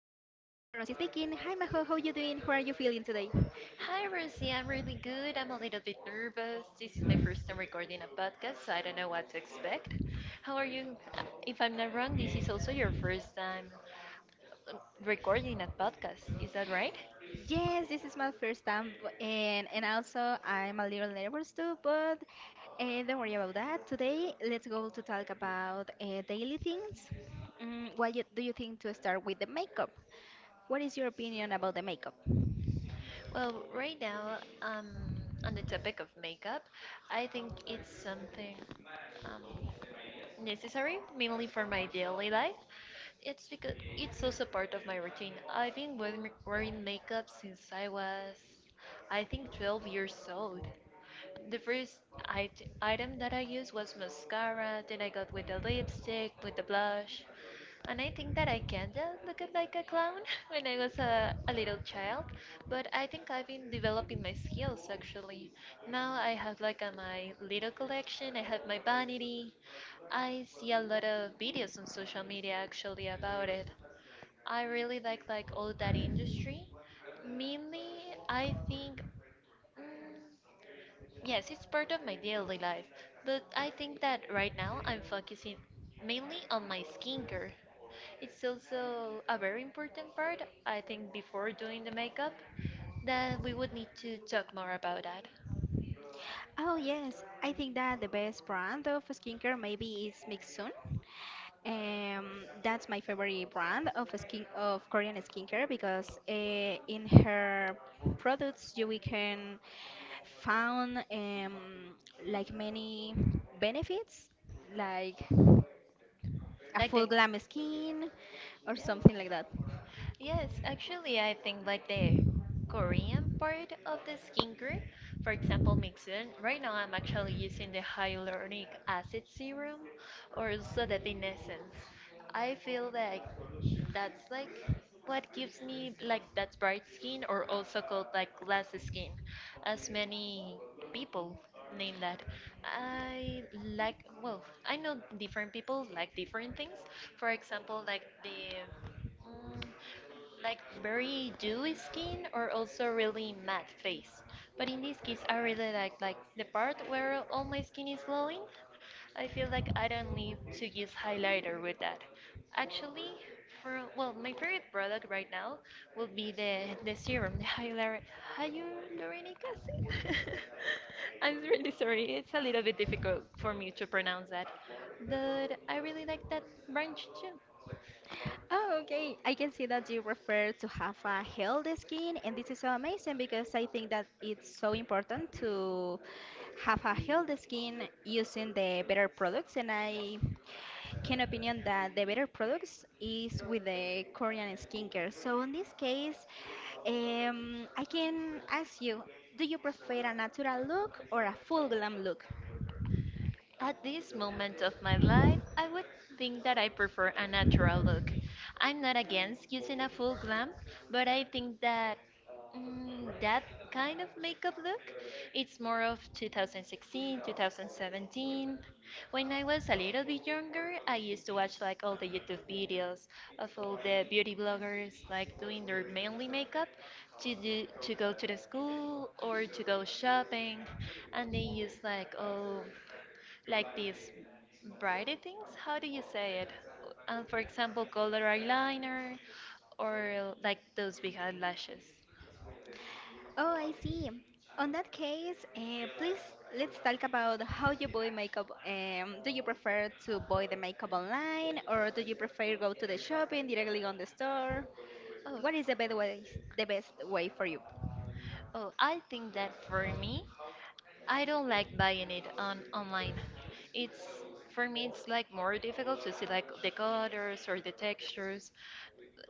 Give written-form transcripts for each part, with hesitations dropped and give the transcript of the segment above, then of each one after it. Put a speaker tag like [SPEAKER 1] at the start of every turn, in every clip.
[SPEAKER 1] Majo Rossi speaking. Hi Majo, how you doing? How are you feeling today?
[SPEAKER 2] Hi, Rosie. I'm really good. I'm a little bit nervous. This is my first time recording a podcast, so I don't know what to expect. How are you? If I'm not wrong, this is also your first time um, recording a podcast. Is that right?
[SPEAKER 1] Yes, this is my first time and also I'm a little nervous too, but don't worry about that. Today, let's go to talk about daily things. Do you think to start with the makeup? What is your opinion about the makeup?
[SPEAKER 2] Well, right now, on the topic of makeup, I think it's something. Um, necessary, mainly for my daily life. It's because it's also part of my routine. I've been wearing makeup since I was, I think, 12 years old. The item that I used was mascara, then I got with the lipstick, with the blush. And I think that I kinda looked like a clown when I was a little child, but I think I've been developing my skills actually. Now I have like my little collection. I have my vanity. I see a lot of videos on social media actually about it. I really like all that industry. Mainly, I think. Mm, Yes, it's part of my daily life, but I think that right now I'm focusing mainly on my skincare. It's also a very important part, I think, before doing the makeup, that we would need to talk more about that.
[SPEAKER 1] Oh yes, I think that the best brand of skincare maybe is Mixun. That's my favorite brand of skin of Korean skincare because in her products you we can found like many benefits like a
[SPEAKER 2] Like
[SPEAKER 1] full
[SPEAKER 2] the,
[SPEAKER 1] glam skin or something like
[SPEAKER 2] yeah.
[SPEAKER 1] that.
[SPEAKER 2] Yes, actually, I think like the Korean part of the skincare, for example, Mixin. Right now, I'm actually using the hyaluronic acid serum or Sodatin essence. I feel like that's like what gives me like that bright skin, or also called like glass skin, as many people name that. I like, well, I know different people like different things. For example, mm, like very dewy skin or also really matte face. But in this case, I really like the part where all my skin is glowing. I feel like I don't need to use highlighter with that. Actually, for well, my favorite product right now will be the serum, the hyaluronic acid. I'm really sorry, it's a little bit difficult for me to pronounce that, but I really like that branch too.
[SPEAKER 1] Oh, okay. I can see that you refer to have a healthy skin, and this is so amazing because I think that it's so important to have a healthy skin using the better products. And I can opinion that the better products is with the Korean skincare. So in this case, I can ask you, do you prefer a natural look or a full glam look?
[SPEAKER 2] At this moment of my life, I would think that I prefer a natural look. I'm not against using a full glam, but I think that that kind of makeup look, it's more of 2016, 2017. When I was a little bit younger, I used to watch like all the YouTube videos of all the beauty bloggers like doing their mainly makeup to do to go to the school or to go shopping, and they use like all like these brighty things. How do you say it? For example, color eyeliner or like those big eyelashes.
[SPEAKER 1] Oh, I see. On that case, please let's talk about how you buy makeup. Do you prefer to buy the makeup online, or do you prefer go to the shopping directly on the store?
[SPEAKER 2] Oh,
[SPEAKER 1] What is the best way for you?
[SPEAKER 2] oh, I think that for me, I don't like buying it on online. It's for me it's like more difficult to see like the colors or the textures.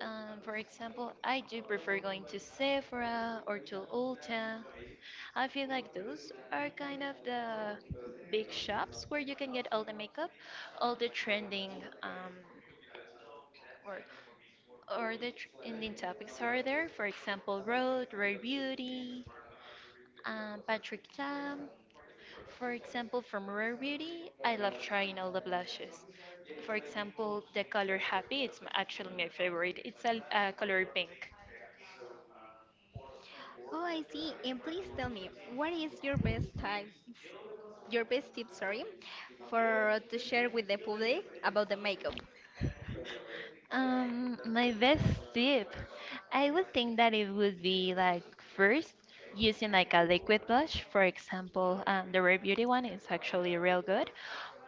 [SPEAKER 2] For example, I do prefer going to Sephora or to Ulta. I feel like those are kind of the big shops where you can get all the makeup, all the trending um, or or the trending topics are there. For example, Road, Rare Beauty, Patrick Tam. For example, from Rare Beauty, I love trying all the blushes. For example, the color Happy, actually my favorite. It's a color pink.
[SPEAKER 1] Oh, I see. And please tell me, what is your best time, your best tip, sorry, for to share with the public about the makeup?
[SPEAKER 2] My best tip, I would think that it would be like first using like a liquid blush. For example, the Rare Beauty one is actually real good.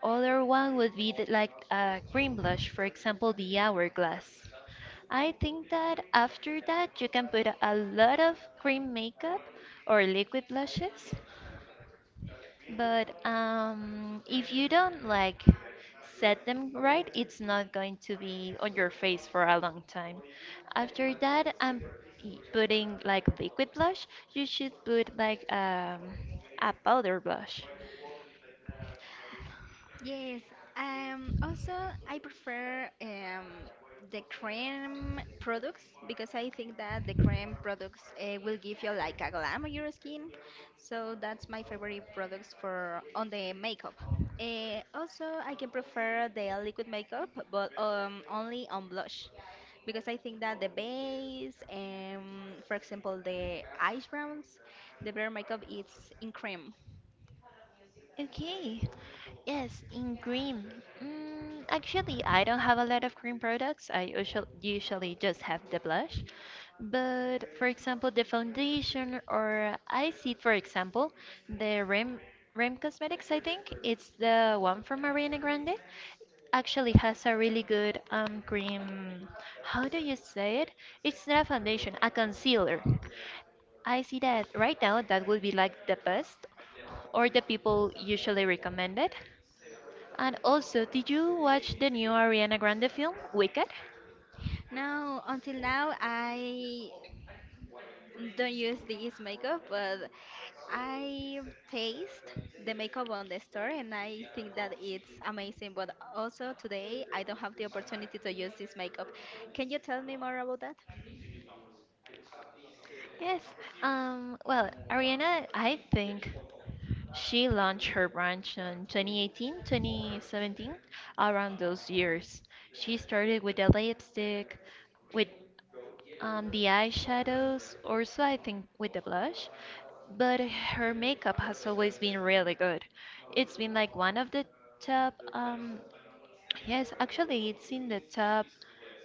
[SPEAKER 2] Other one would be the, like a cream blush, for example, the Hourglass. I think that after that you can put a lot of cream makeup or liquid blushes, but if you don't like set them right, it's not going to be on your face for a long time. After that, I'm putting like liquid blush. You should put like a powder blush.
[SPEAKER 1] Yes, also I prefer the cream products because I think that the cream products will give you like a glam on your skin. So that's my favorite products for on the makeup. Also, I can prefer the liquid makeup, but only on blush because I think that the base, for example, the eyebrows, browns, the better makeup is in cream.
[SPEAKER 2] Okay. Yes, in cream. Mm, actually, I don't have a lot of cream products. I usually just have the blush. But for example, the foundation or I see, for example, the Rem Cosmetics, I think it's the one from Ariana Grande. Actually has a really good cream. How do you say it? It's not a foundation, a concealer. I see that right now that would be like the best or the people usually recommend it. And also, did you watch the new Ariana Grande film, Wicked?
[SPEAKER 1] Until now, I don't use this makeup, but I taste the makeup on the store and I think that it's amazing. But also today, I don't have the opportunity to use this makeup. Can you tell me more about that?
[SPEAKER 2] Yes. Well, Ariana, I think she launched her brand in 2018, 2017, around those years. She started with the lipstick, with the eyeshadows, also I think with the blush, but her makeup has always been really good. It's been like one of the top, yes, actually it's in the top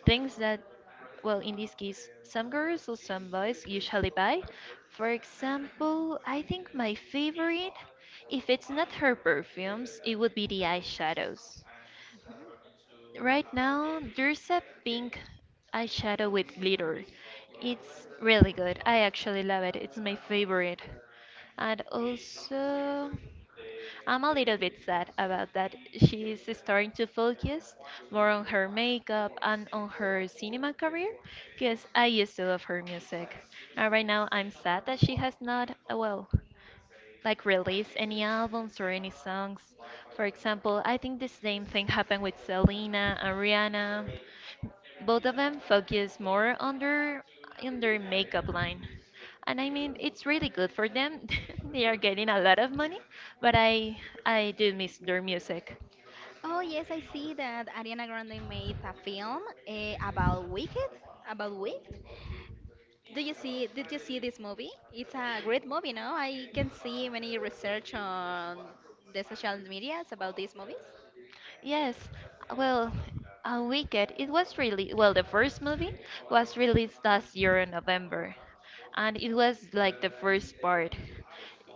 [SPEAKER 2] things that, well, in this case, some girls or some boys usually buy. For example, I think my favorite, if it's not her perfumes, it would be the eyeshadows.
[SPEAKER 1] Mhm.
[SPEAKER 2] Right now, there's a pink eyeshadow with glitter. It's really good. I actually love it. It's my favorite. And also, I'm a little bit sad about that. She's starting to focus more on her makeup and on her cinema career because I used to love her music. And right now, I'm sad that she has not, well, like release any albums or any songs. For example, I think the same thing happened with Selena and Rihanna. Both of them focus more on their makeup line. And I mean, it's really good for them. They are getting a lot of money, but I do miss their music.
[SPEAKER 1] Oh, yes, I see that Ariana Grande made a film about Wicked, about Wicked. Do you see? Did you see this movie? It's a great movie, no? I can see many research on the social medias about these movies.
[SPEAKER 2] Yes, well, Wicked, it was really, well, the first movie was released last year in November, and it was like the first part.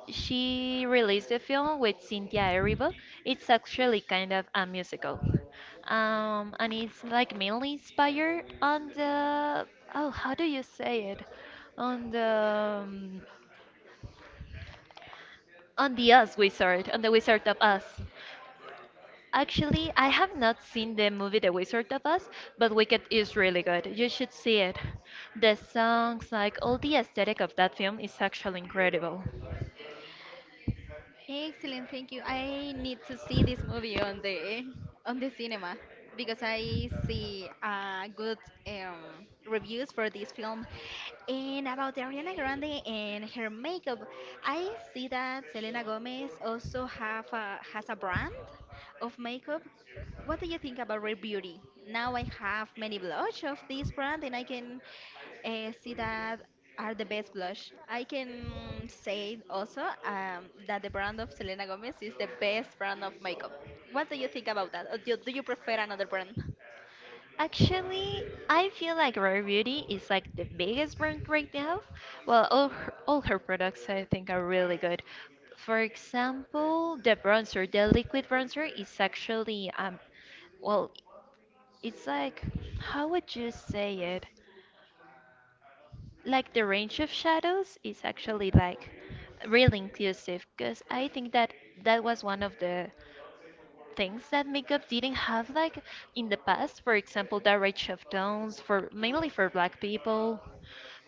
[SPEAKER 2] She released the film with Cynthia Erivo. It's actually kind of a musical. And it's like mainly inspired on the, oh, how do you say it? On the, um, on the Us Wizard, on the Wizard of Us. Actually, I have not seen the movie The Wizard of Oz, but Wicked is really good. You should see it. The songs, like all the aesthetic of that film, is actually incredible.
[SPEAKER 1] Excellent, thank you. I need to see this movie on the cinema because I see good reviews for this film. And about Ariana Grande and her makeup, I see that Selena Gomez has a brand of makeup. What do you think about Rare Beauty? Now I have many blush of this brand, and I can see that are the best blush. I can say also that the brand of Selena Gomez is the best brand of makeup. What do you think about that? Or do you prefer another brand?
[SPEAKER 2] Actually, I feel like Rare Beauty is like the biggest brand right now. Well, all her products I think are really good. For example, the liquid bronzer is actually well, it's like how would you say it? Like the range of shadows is actually like really inclusive, because I think that that was one of the things that makeup didn't have like in the past, for example, the range of tones for mainly for black people.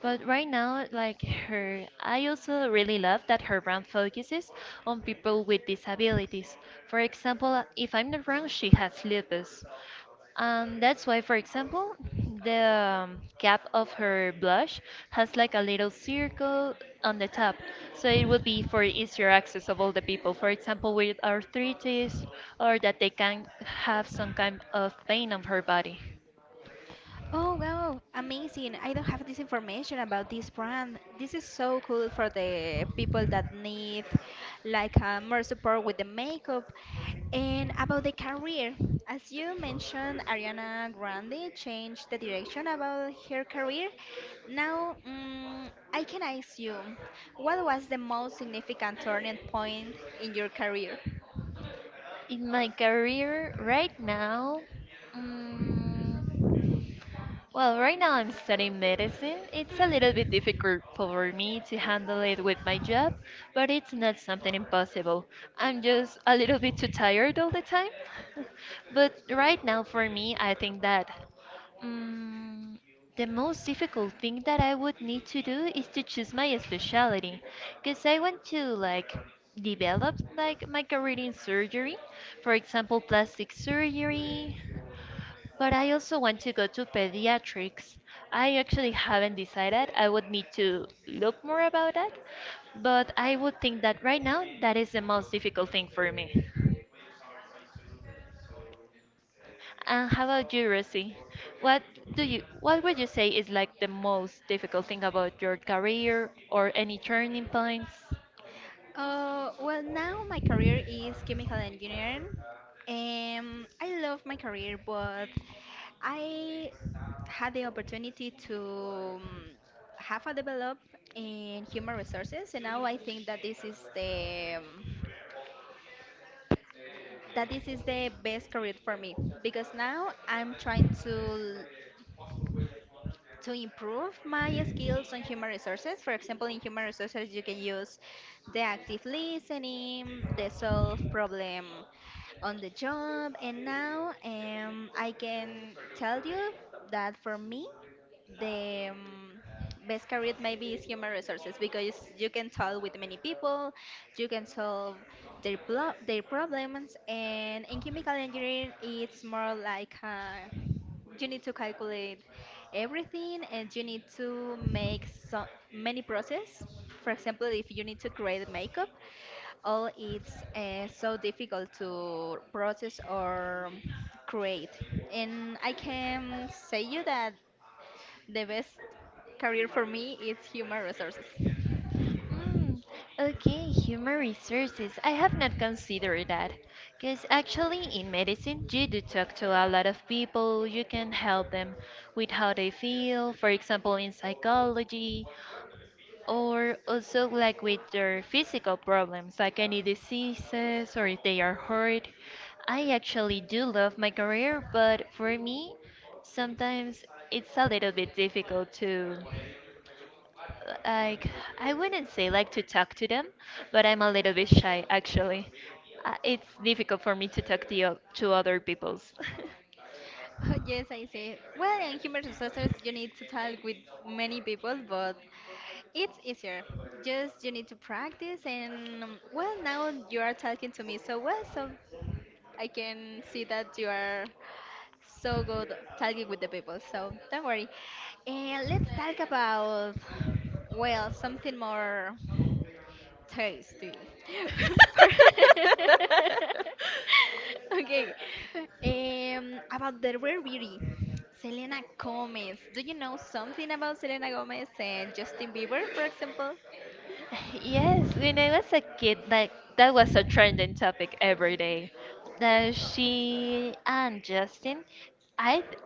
[SPEAKER 2] But right now, like her, I also really love that her brand focuses on people with disabilities. For example, if I'm not wrong, she has lupus, and that's why, for example, the cap of her blush has like a little circle on the top. So it would be for easier access of all the people. For example, with arthritis or that they can have some kind of pain on her body.
[SPEAKER 1] Oh wow, amazing. I don't have this information about this brand. This is so cool for the people that need like more support with the makeup. And about the career, as you mentioned, Ariana Grande changed the direction about her career. Now, I can ask you, what was the most significant turning point in your career?
[SPEAKER 2] In my career right now, mm well, right now I'm studying medicine. It's a little bit difficult for me to handle it with my job, but it's not something impossible. I'm just a little bit too tired all the time. But right now, for me, I think that mm the most difficult thing that I would need to do is to choose my specialty, because I want to like develop like my career in surgery, for example, plastic surgery, but I also want to go to pediatrics. I actually haven't decided. I would need to look more about that. But I would think that right now that is the most difficult thing for me. And how about you, Rosie? What do you what would you say is like the most difficult thing about your career or any turning points?
[SPEAKER 1] Well, now my career is chemical engineering. I love my career, but I had the opportunity to have a develop in human resources, and now I think that this is the best career for me because now I'm trying to improve my skills on human resources. For example, in human resources, you can use the active listening, the solve problem on the job. And now I can tell you that for me, the best career maybe is human resources because you can talk with many people, you can solve their problems, and in chemical engineering it's more like you need to calculate everything and you need to make so many process. For example, if you need to create makeup, all it's so difficult to process or create. And I can say you that the best career for me is human resources.
[SPEAKER 2] Mm, okay, human resources. I have not considered that. Because actually, in medicine, you do talk to a lot of people, you can help them with how they feel, for example, in psychology, or also like with their physical problems, like any diseases or if they are hurt. I actually do love my career, but for me, sometimes it's a little bit difficult to like I wouldn't say like to talk to them, but I'm a little bit shy actually. It's difficult for me to talk to to other people's.
[SPEAKER 1] Oh, yes, I see. Well, in human resources, you need to talk with many people, but it's easier. Just you need to practice, and well, now you are talking to me so well, so I can see that you are so good talking with the people. So don't worry. And let's talk about, well, something more. Tasty. Okay. About the rare beauty, Selena Gomez. Do you know something about Selena Gomez and Justin Bieber, for example?
[SPEAKER 2] Yes, when I was a kid, like that was a trending topic every day. That she and Justin, I, th-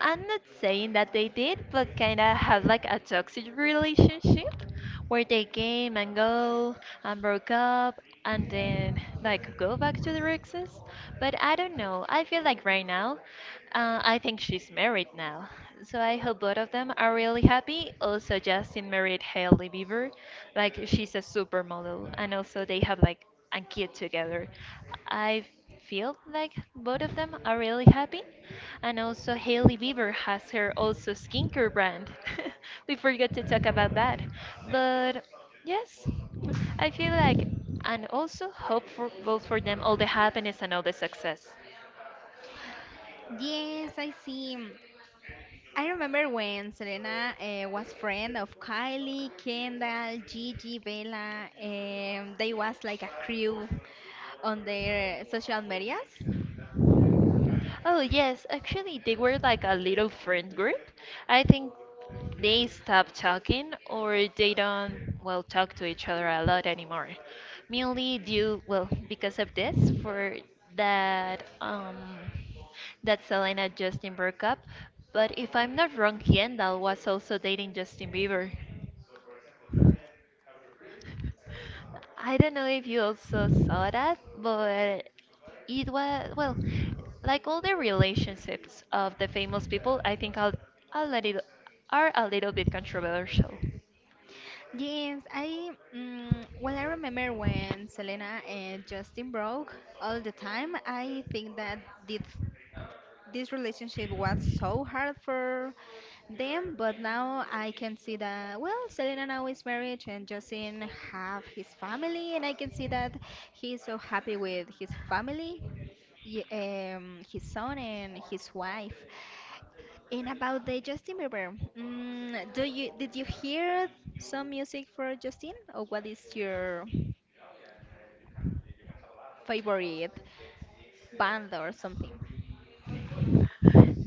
[SPEAKER 2] I'm not saying that they did, but kind of have like a toxic relationship where they came and go and broke up, and then like go back to the Rexes. But I don't know. I feel like right now, I think she's married now. So I hope both of them are really happy. Also, Justin married Hailey Bieber. Like she's a supermodel, and also they have like a kid together. I feel like both of them are really happy. And also Hailey Bieber has her also skincare brand. We forgot to talk about that. But yes, I feel like, and also hopeful for them all the happiness and all the success.
[SPEAKER 1] Yes, I see. I remember when Selena was friend of Kylie, Kendall, Gigi, Bella, and they was like a crew on their social medias.
[SPEAKER 2] Oh, yes, actually, they were like a little friend group. I think they stopped talking or they don't, well, talk to each other a lot anymore. Mainly due, well, because of this, for that, that Selena Justin broke up. But if I'm not wrong, Kendall was also dating Justin Bieber. I don't know if you also saw that, but it was, well, like all the relationships of the famous people, I think I'll let it, are a little bit controversial.
[SPEAKER 1] Yes, I well, I remember when Selena and Justin broke all the time. I think that this this relationship was so hard for them, but now I can see that well, Selena now is married and Justin have his family, and I can see that he's so happy with his family his son and his wife. And about the Justin Bieber, do you did you hear some music for Justin, or what is your favorite band or something?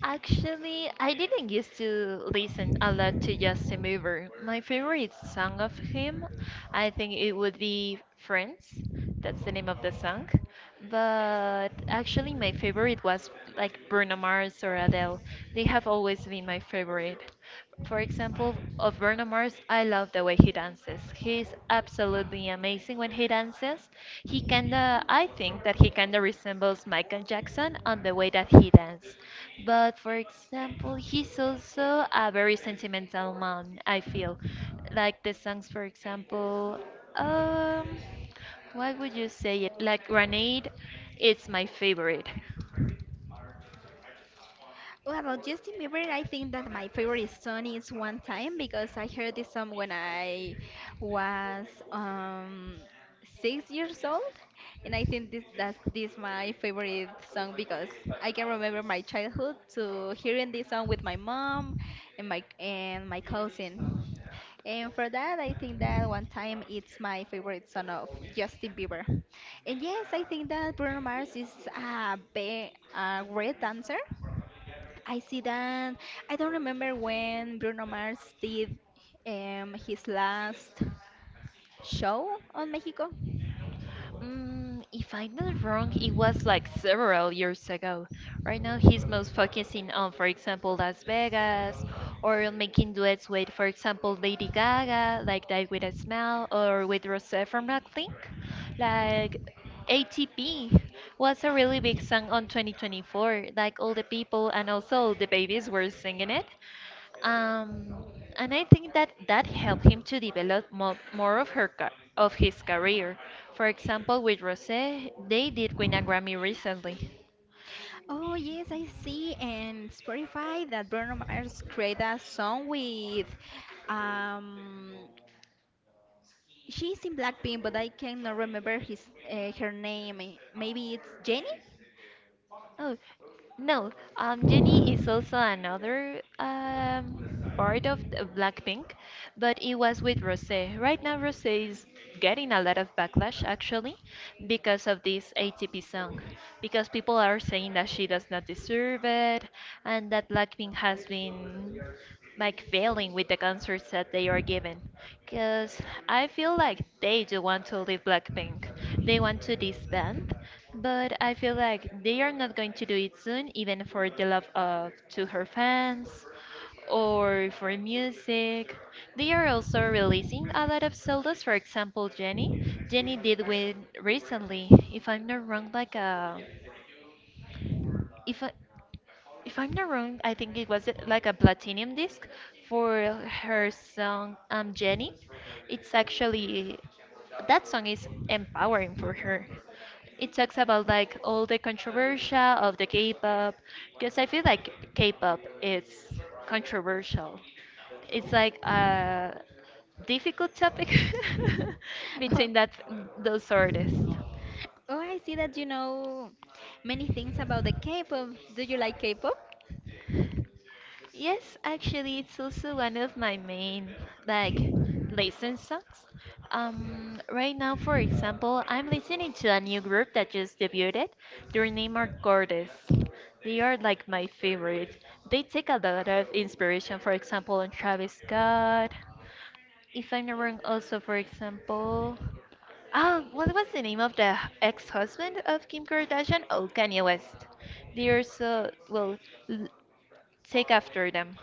[SPEAKER 2] Actually, I didn't used to listen a lot to Justin Bieber. My favorite song of him, I think it would be Friends. That's the name of the song. But actually, my favorite was like Bruno Mars or Adele. They have always been my favorite. For example, of Bruno Mars, I love the way he dances. He's absolutely amazing when he dances. He kinda, I think that he kinda resembles Michael Jackson on the way that he dances. But for example, he's also a very sentimental man, I feel. Like the songs, for example, um, what would you say it? Like Grenade, it's my favorite.
[SPEAKER 1] Well, about Justin Bieber, I think that my favorite song is One Time because I heard this song when I was um, 6 years old, and I think this that's this my favorite song because I can remember my childhood to hearing this song with my mom and my cousin, and for that I think that One Time it's my favorite song of Justin Bieber, and yes, I think that Bruno Mars is a great dancer I see that. I don't remember when Bruno Mars did his last show on Mexico.
[SPEAKER 2] Mm, if I'm not wrong, it was like several years ago. Right now, he's most focusing on, for example, Las Vegas, or on making duets with, for example, Lady Gaga, like Die With A Smile, or with Rosé from Blackpink. Like, ATP was a really big song on 2024. Like, all the people and also all the babies were singing it. Um, and I think that that helped him to develop more of of his career. For example, with Rosé, they did win a Grammy recently.
[SPEAKER 1] Oh, yes, I see. And Spotify that Bruno Mars created a song with. Um, she's in Blackpink, but I cannot remember his her name. Eh, maybe it's Jenny?
[SPEAKER 2] Oh, no. Jennie is also another part of the Blackpink, but it was with Rosé. Right now, Rosé is getting a lot of backlash actually because of this ATP song, because people are saying that she does not deserve it and that Blackpink has been like failing with the concerts that they are given because I feel like they do want to leave Blackpink. They want to disband, but I feel like they are not going to do it soon even for the love of to her fans or for music. They are also releasing a lot of solos. For example, Jenny did with recently, if I'm not wrong, like a if I, if I'm not wrong, I think it was like a platinum disc for her song Jenny. It's actually that song is empowering for her. It talks about like all the controversial of the K-pop because I feel like K-pop is controversial. It's like a difficult topic between that those artists.
[SPEAKER 1] Oh, I see that you know many things about the K-pop. Do you like K-pop?
[SPEAKER 2] Yes, actually, it's also one of my main like listen songs. Right now, for example, I'm listening to a new group that just debuted. Their name are Gordas. They are like my favorite. They take a lot of inspiration, for example, on Travis Scott. If I'm not wrong, also, for example, oh, what was the name of the ex-husband of Kim Kardashian? Oh, Kanye West. They also, well, l- take after them.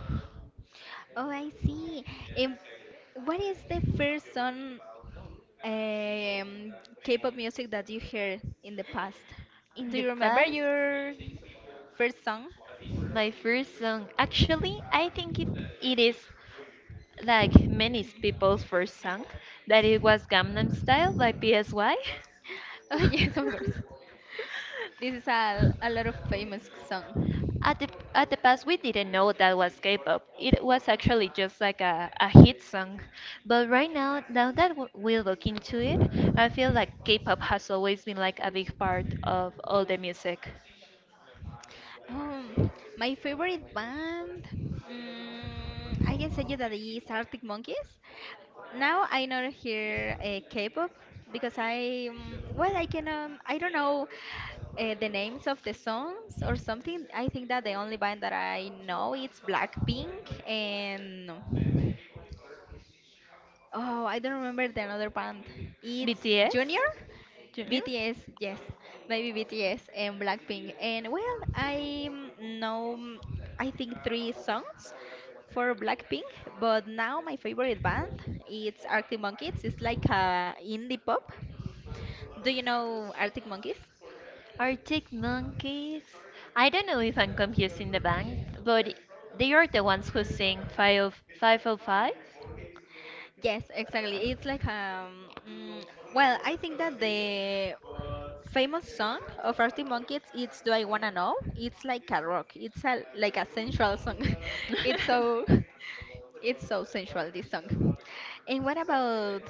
[SPEAKER 1] Oh, I see. Um, what is the first song um, K-pop music that you heard in the past?
[SPEAKER 2] In
[SPEAKER 1] Do
[SPEAKER 2] the
[SPEAKER 1] you remember
[SPEAKER 2] past,
[SPEAKER 1] your first song?
[SPEAKER 2] my first song, actually, I think it, it is like many people's first song, that it was Gangnam Style by PSY.
[SPEAKER 1] Oh, yes, of course. This is a lot of famous song.
[SPEAKER 2] At the at the past, we didn't know that was K-pop. It was actually just like a hit song. But right now, now that we look into it, I feel like K-pop has always been like a big part of all the music.
[SPEAKER 1] Um, my favorite band, I can say you that is Arctic Monkeys. Now I not hear K-pop because I well I don't know the names of the songs or something. I think that the only band that I know is Blackpink and oh, I don't remember the another band. It's
[SPEAKER 2] BTS,
[SPEAKER 1] Junior?
[SPEAKER 2] Junior.
[SPEAKER 1] BTS, yes. Maybe BTS and Blackpink. And well, I mm, know mm, I think three songs for Blackpink, but now my favorite band it's Arctic Monkeys. It's like a indie pop. Do you know Arctic Monkeys?
[SPEAKER 2] Arctic monkeys. I don't know if I'm confusing the band, but they are the ones who sing 5 five oh
[SPEAKER 1] Yes, exactly. It's like well, I think that the famous song of Arctic Monkeys. It's "Do I Wanna Know." It's like a rock. It's a like a sensual song. It's
[SPEAKER 2] five.
[SPEAKER 1] so it's so sensual this song. And what about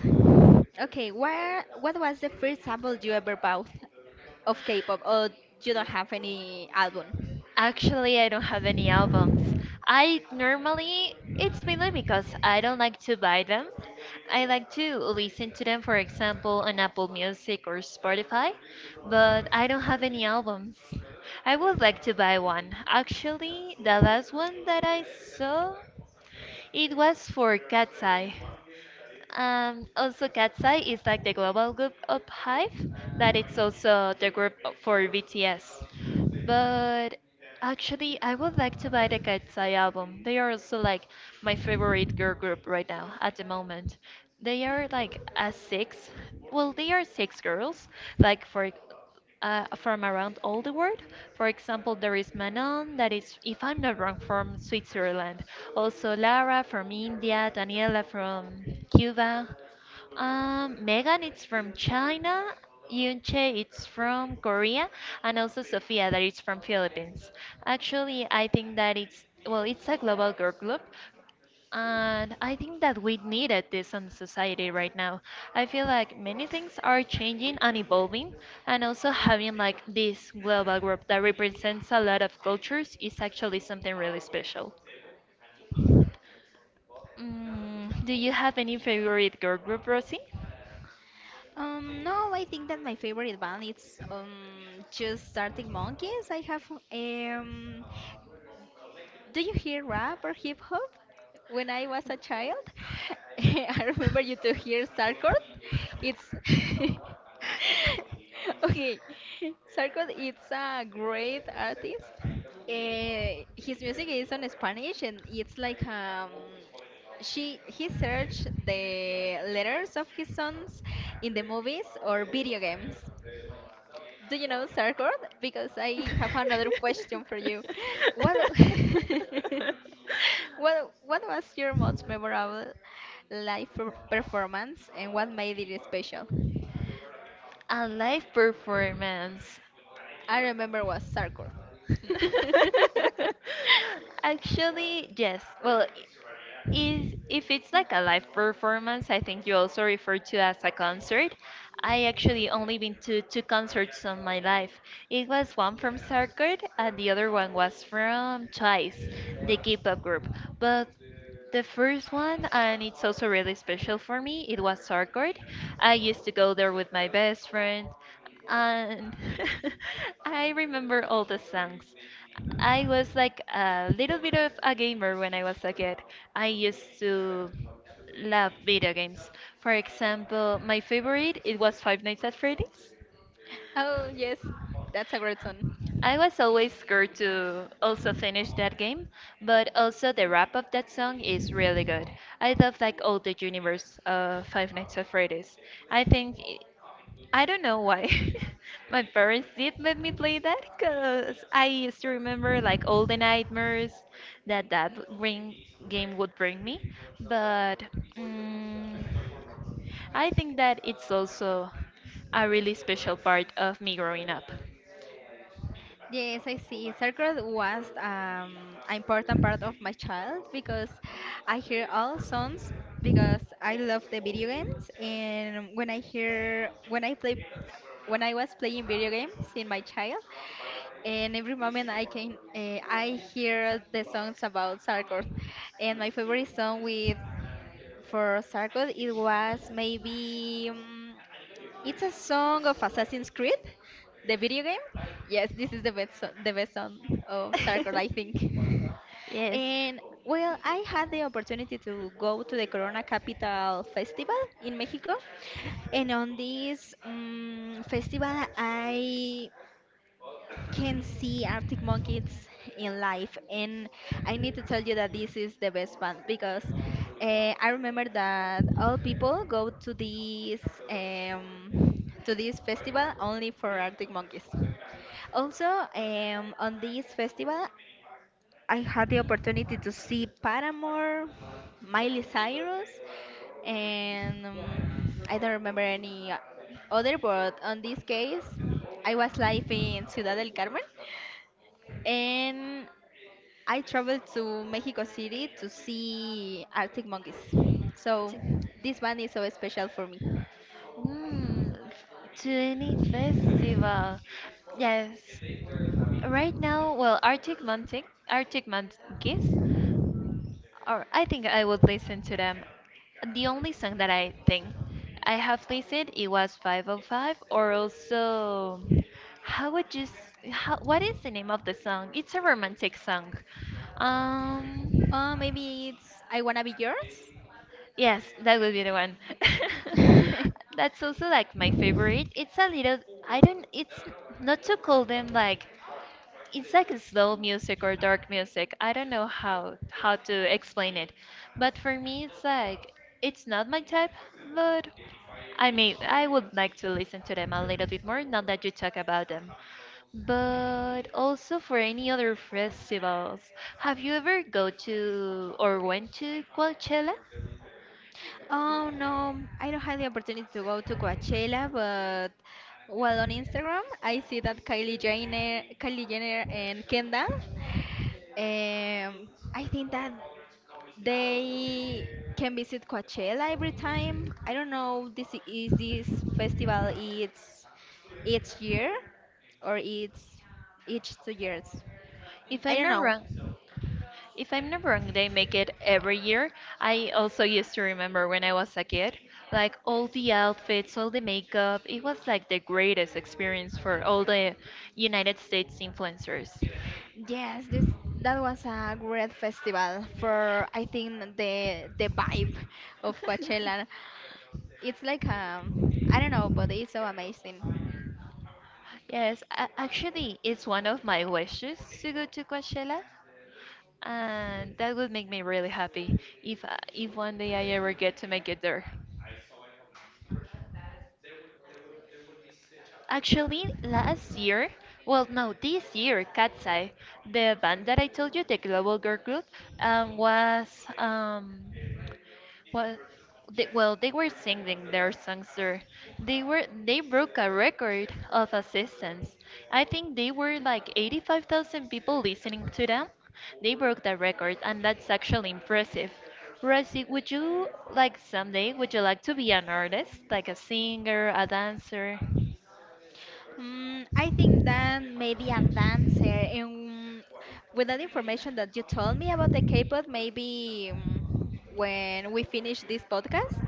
[SPEAKER 1] okay? Where what was the first sample you ever bought of K-pop? Or you don't have any album?
[SPEAKER 2] Actually, I don't have any albums. I normally, it's mainly because I don't like to buy them. I like to listen to them, for example, on Apple Music or Spotify, but I don't have any albums. I would like to buy one. Actually, the last one that I saw, it was for Cat's Eye. Also, Katsai is like the global group of Hive, that it's also the group for BTS. But actually, I would like to buy the Katsai album. They are also like my favorite girl group right now at the moment. They are like a six. Well, they are six girls, like for from around all the world. For example, there is Manon, that is, if I'm not wrong, from Switzerland. Also, Lara from India, Daniela from Cuba, Megan, it's from China. Yunche, it's from Korea, and also Sophia, that is from Philippines. Actually, I think that it's well, it's a global girl group and I think that we needed this in society right now. I feel like many things are changing and evolving, and also having like this global group that represents a lot of cultures is actually something really special. Mm, do you have any favorite girl group, Rosie?
[SPEAKER 1] No, I think that my favorite band is just Arctic Monkeys. I have um do you hear rap or hip hop? When I was a child, I remember you to hear sarcord. It's okay. Sarcord is a great artist. His music is on Spanish and it's like she he searched the letters of his songs in the movies or video games do you know Sargon? Because I have another question for you. What what was your most memorable performance and what made it special?
[SPEAKER 2] A live performance.
[SPEAKER 1] I remember was Sargon.
[SPEAKER 2] Actually, yes. Well, is if it's like a live performance, I think you also refer to as a concert. I actually only been to two concerts in my life. It was one from Circuit and the other one was from Twice, the K-pop group. But the first one, and it's also really special for me, it was Sarkord. I used to go there with my best friend, and I remember all the songs. I was like a little bit of a gamer when I was a kid. I used to love video games. For example, my favorite it was Five Nights at Freddy's.
[SPEAKER 1] Oh yes, that's a great song.
[SPEAKER 2] I was always scared to also finish that game, but also the rap of that song is really good. I love like all the universe of Five Nights at Freddy's. I think it- I don't know why my parents did let me play that because I used to remember like all the nightmares that that ring game would bring me. But mm, I think that it's also a really special part of me growing up.
[SPEAKER 1] Yes, I see. Circle was an important part of my child because I hear all songs because I love the video games and when I play when I was playing video games in my child and every moment I can I hear the songs about Sarkor and my favorite song with for Sarkor it was maybe it's a song of Assassin's Creed, the video game. Yes, this is the the best song of Sarkor, I think.
[SPEAKER 2] Yes.
[SPEAKER 1] And well, I had the opportunity to go to the Corona Capital Festival in Mexico, and on this festival, I can see Arctic Monkeys in life, and I need to tell you that this is the best band because I remember that all people go to this festival only for Arctic Monkeys. Also, on this festival, I had the opportunity to see Paramore, Miley Cyrus, and I don't remember any other, but on this case, I was live in Ciudad del Carmen and I traveled to Mexico City to see Arctic monkeys. So
[SPEAKER 2] Chicken.
[SPEAKER 1] this one is so special for me.
[SPEAKER 2] Mm, f- to any festival. Yes. Right now, well, Arctic Monkeys, or I think I would listen to them. The only song that I think I have listened it was 505 or also how would you s- how, what is the name of the song? It's a romantic song. Um,
[SPEAKER 1] Maybe it's I Wanna Be Yours?
[SPEAKER 2] yes, that would be the one. That's also like my favorite. It's a little, I don't, it's not to call them like, it's like a slow music or dark music. I don't know how to explain it. But for me, it's like, it's not my type, but I mean, I would like to listen to them a little bit more now that you talk about them. But also for any other festivals. Have you ever go to or went to Coachella?
[SPEAKER 1] Oh no, I don't have the opportunity to go to Coachella, but well, on Instagram, I see that Kylie Jenner and Kendall, um, I think that they can visit Coachella every time. I don't know this I- is this festival it's each year or it's each two years.
[SPEAKER 2] If
[SPEAKER 1] I
[SPEAKER 2] I'm
[SPEAKER 1] don't
[SPEAKER 2] not
[SPEAKER 1] know.
[SPEAKER 2] wrong, if I'm not wrong, they make it every year. I also used to remember when I was a kid, like all the outfits, all the makeup. It was like the greatest experience for all the United States influencers.
[SPEAKER 1] Yes, this that was a great festival for I think the vibe of Coachella. It's like I don't know, but it's so amazing.
[SPEAKER 2] Yes, actually, it's one of my wishes to go to Coachella, and that would make me really happy if one day I ever get to make it there. Actually, last year, well, no, this year, Katsai, the band that I told you, the Global Girl Group, um, was um, was they, well, they were singing their songs there. They broke a record of assistance. I think they were like 85,000 people listening to them. They broke the record, and that's actually impressive. Rosie, would you like to be an artist, like a singer, a dancer?
[SPEAKER 1] I think then maybe a dancer, and with that information that you told me about the K-pop, maybe when we finish this podcast,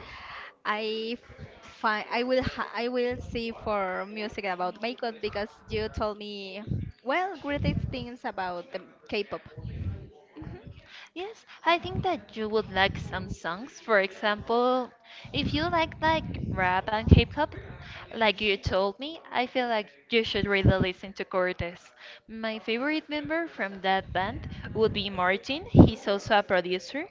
[SPEAKER 1] I I will ha I will see for music about makeup because you told me well great things about the K-pop.
[SPEAKER 2] Mhm. Yes, I think that you would like some songs. For example, if you like rap and hip hop, like you told me, I feel like you should really listen to Cortez. My favorite member from that band would be Martin. He's also a producer,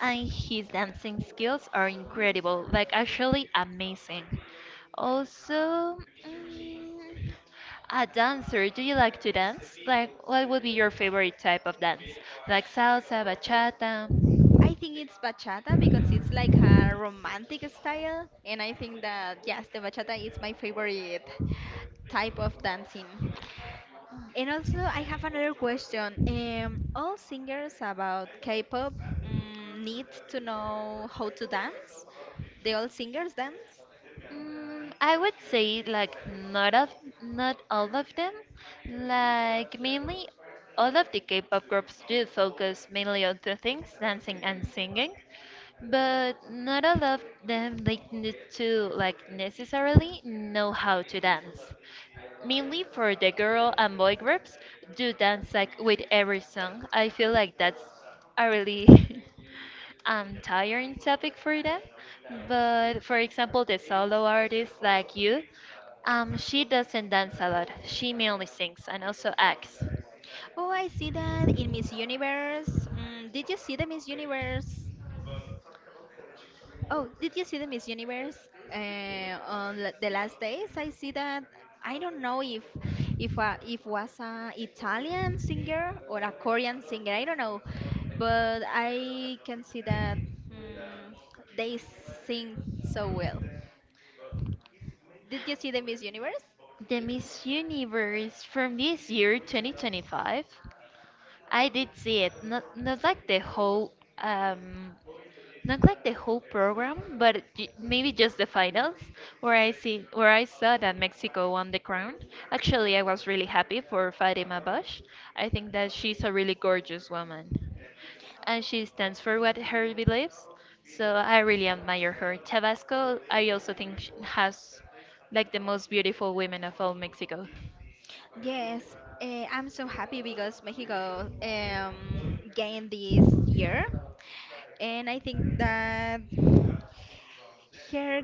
[SPEAKER 2] and his dancing skills are incredible, like actually amazing. Also, mm, a dancer, do you like to dance? Like, what would be your favorite type of dance? Like salsa, bachata?
[SPEAKER 1] I think it's bachata because it's like a romantic style, and I think that yes, the bachata is my favorite type of dancing. And also, I have another question. All singers about K-pop need to know how to dance. They all singers dance.
[SPEAKER 2] Mm, I would say like not all of them. Like mainly all of the K-pop groups do focus mainly on two things, dancing and singing, but not all of them they need to like necessarily know how to dance. Mainly for the girl and boy groups, do dance like with every song. I feel like that's a really tiring topic for them. But for example, the solo artist like you, she doesn't dance a lot. She mainly sings and also acts.
[SPEAKER 1] Oh, I see that in Miss Universe. Mm, did you see the Miss Universe Oh, did you see the Miss Universe the last days? I see that. I don't know if was a Italian singer or a Korean singer. I don't know, but I can see that mm, they sing so well. Did you see the Miss Universe?
[SPEAKER 2] The Miss Universe from this year, 2025. I did see it, not like the whole not like the whole program, but maybe just the finals, where I see where I saw that Mexico won the crown. Actually, I was really happy for Fatima Bosch. I think that she's a really gorgeous woman, and she stands for what her beliefs. So I really admire her. Tabasco, I also think sh has like the most beautiful women of all Mexico.
[SPEAKER 1] Yes, I'm so happy because Mexico gained this year, and I think that her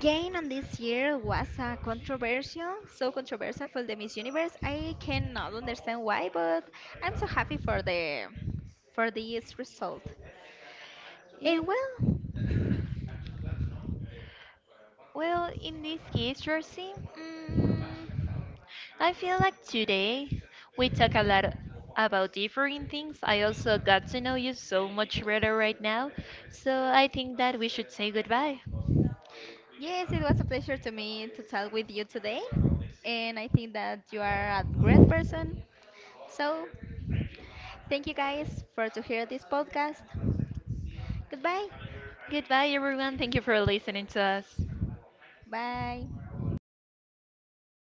[SPEAKER 1] gain on this year was a controversial, so controversial for the Miss Universe. I cannot understand why, but I'm so happy for the for this result.
[SPEAKER 2] Yeah.
[SPEAKER 1] And well,
[SPEAKER 2] Well, in this case, Rosie, I feel like today we talk a lot about different things. I also got to know you so much better right now, so I think that we should say goodbye.
[SPEAKER 1] yes, it was a pleasure to me to talk with you today, and I think that you are a great person. So thank you guys for to hear this podcast. Goodbye.
[SPEAKER 2] Goodbye, everyone. Thank you for listening to us.
[SPEAKER 1] Bye.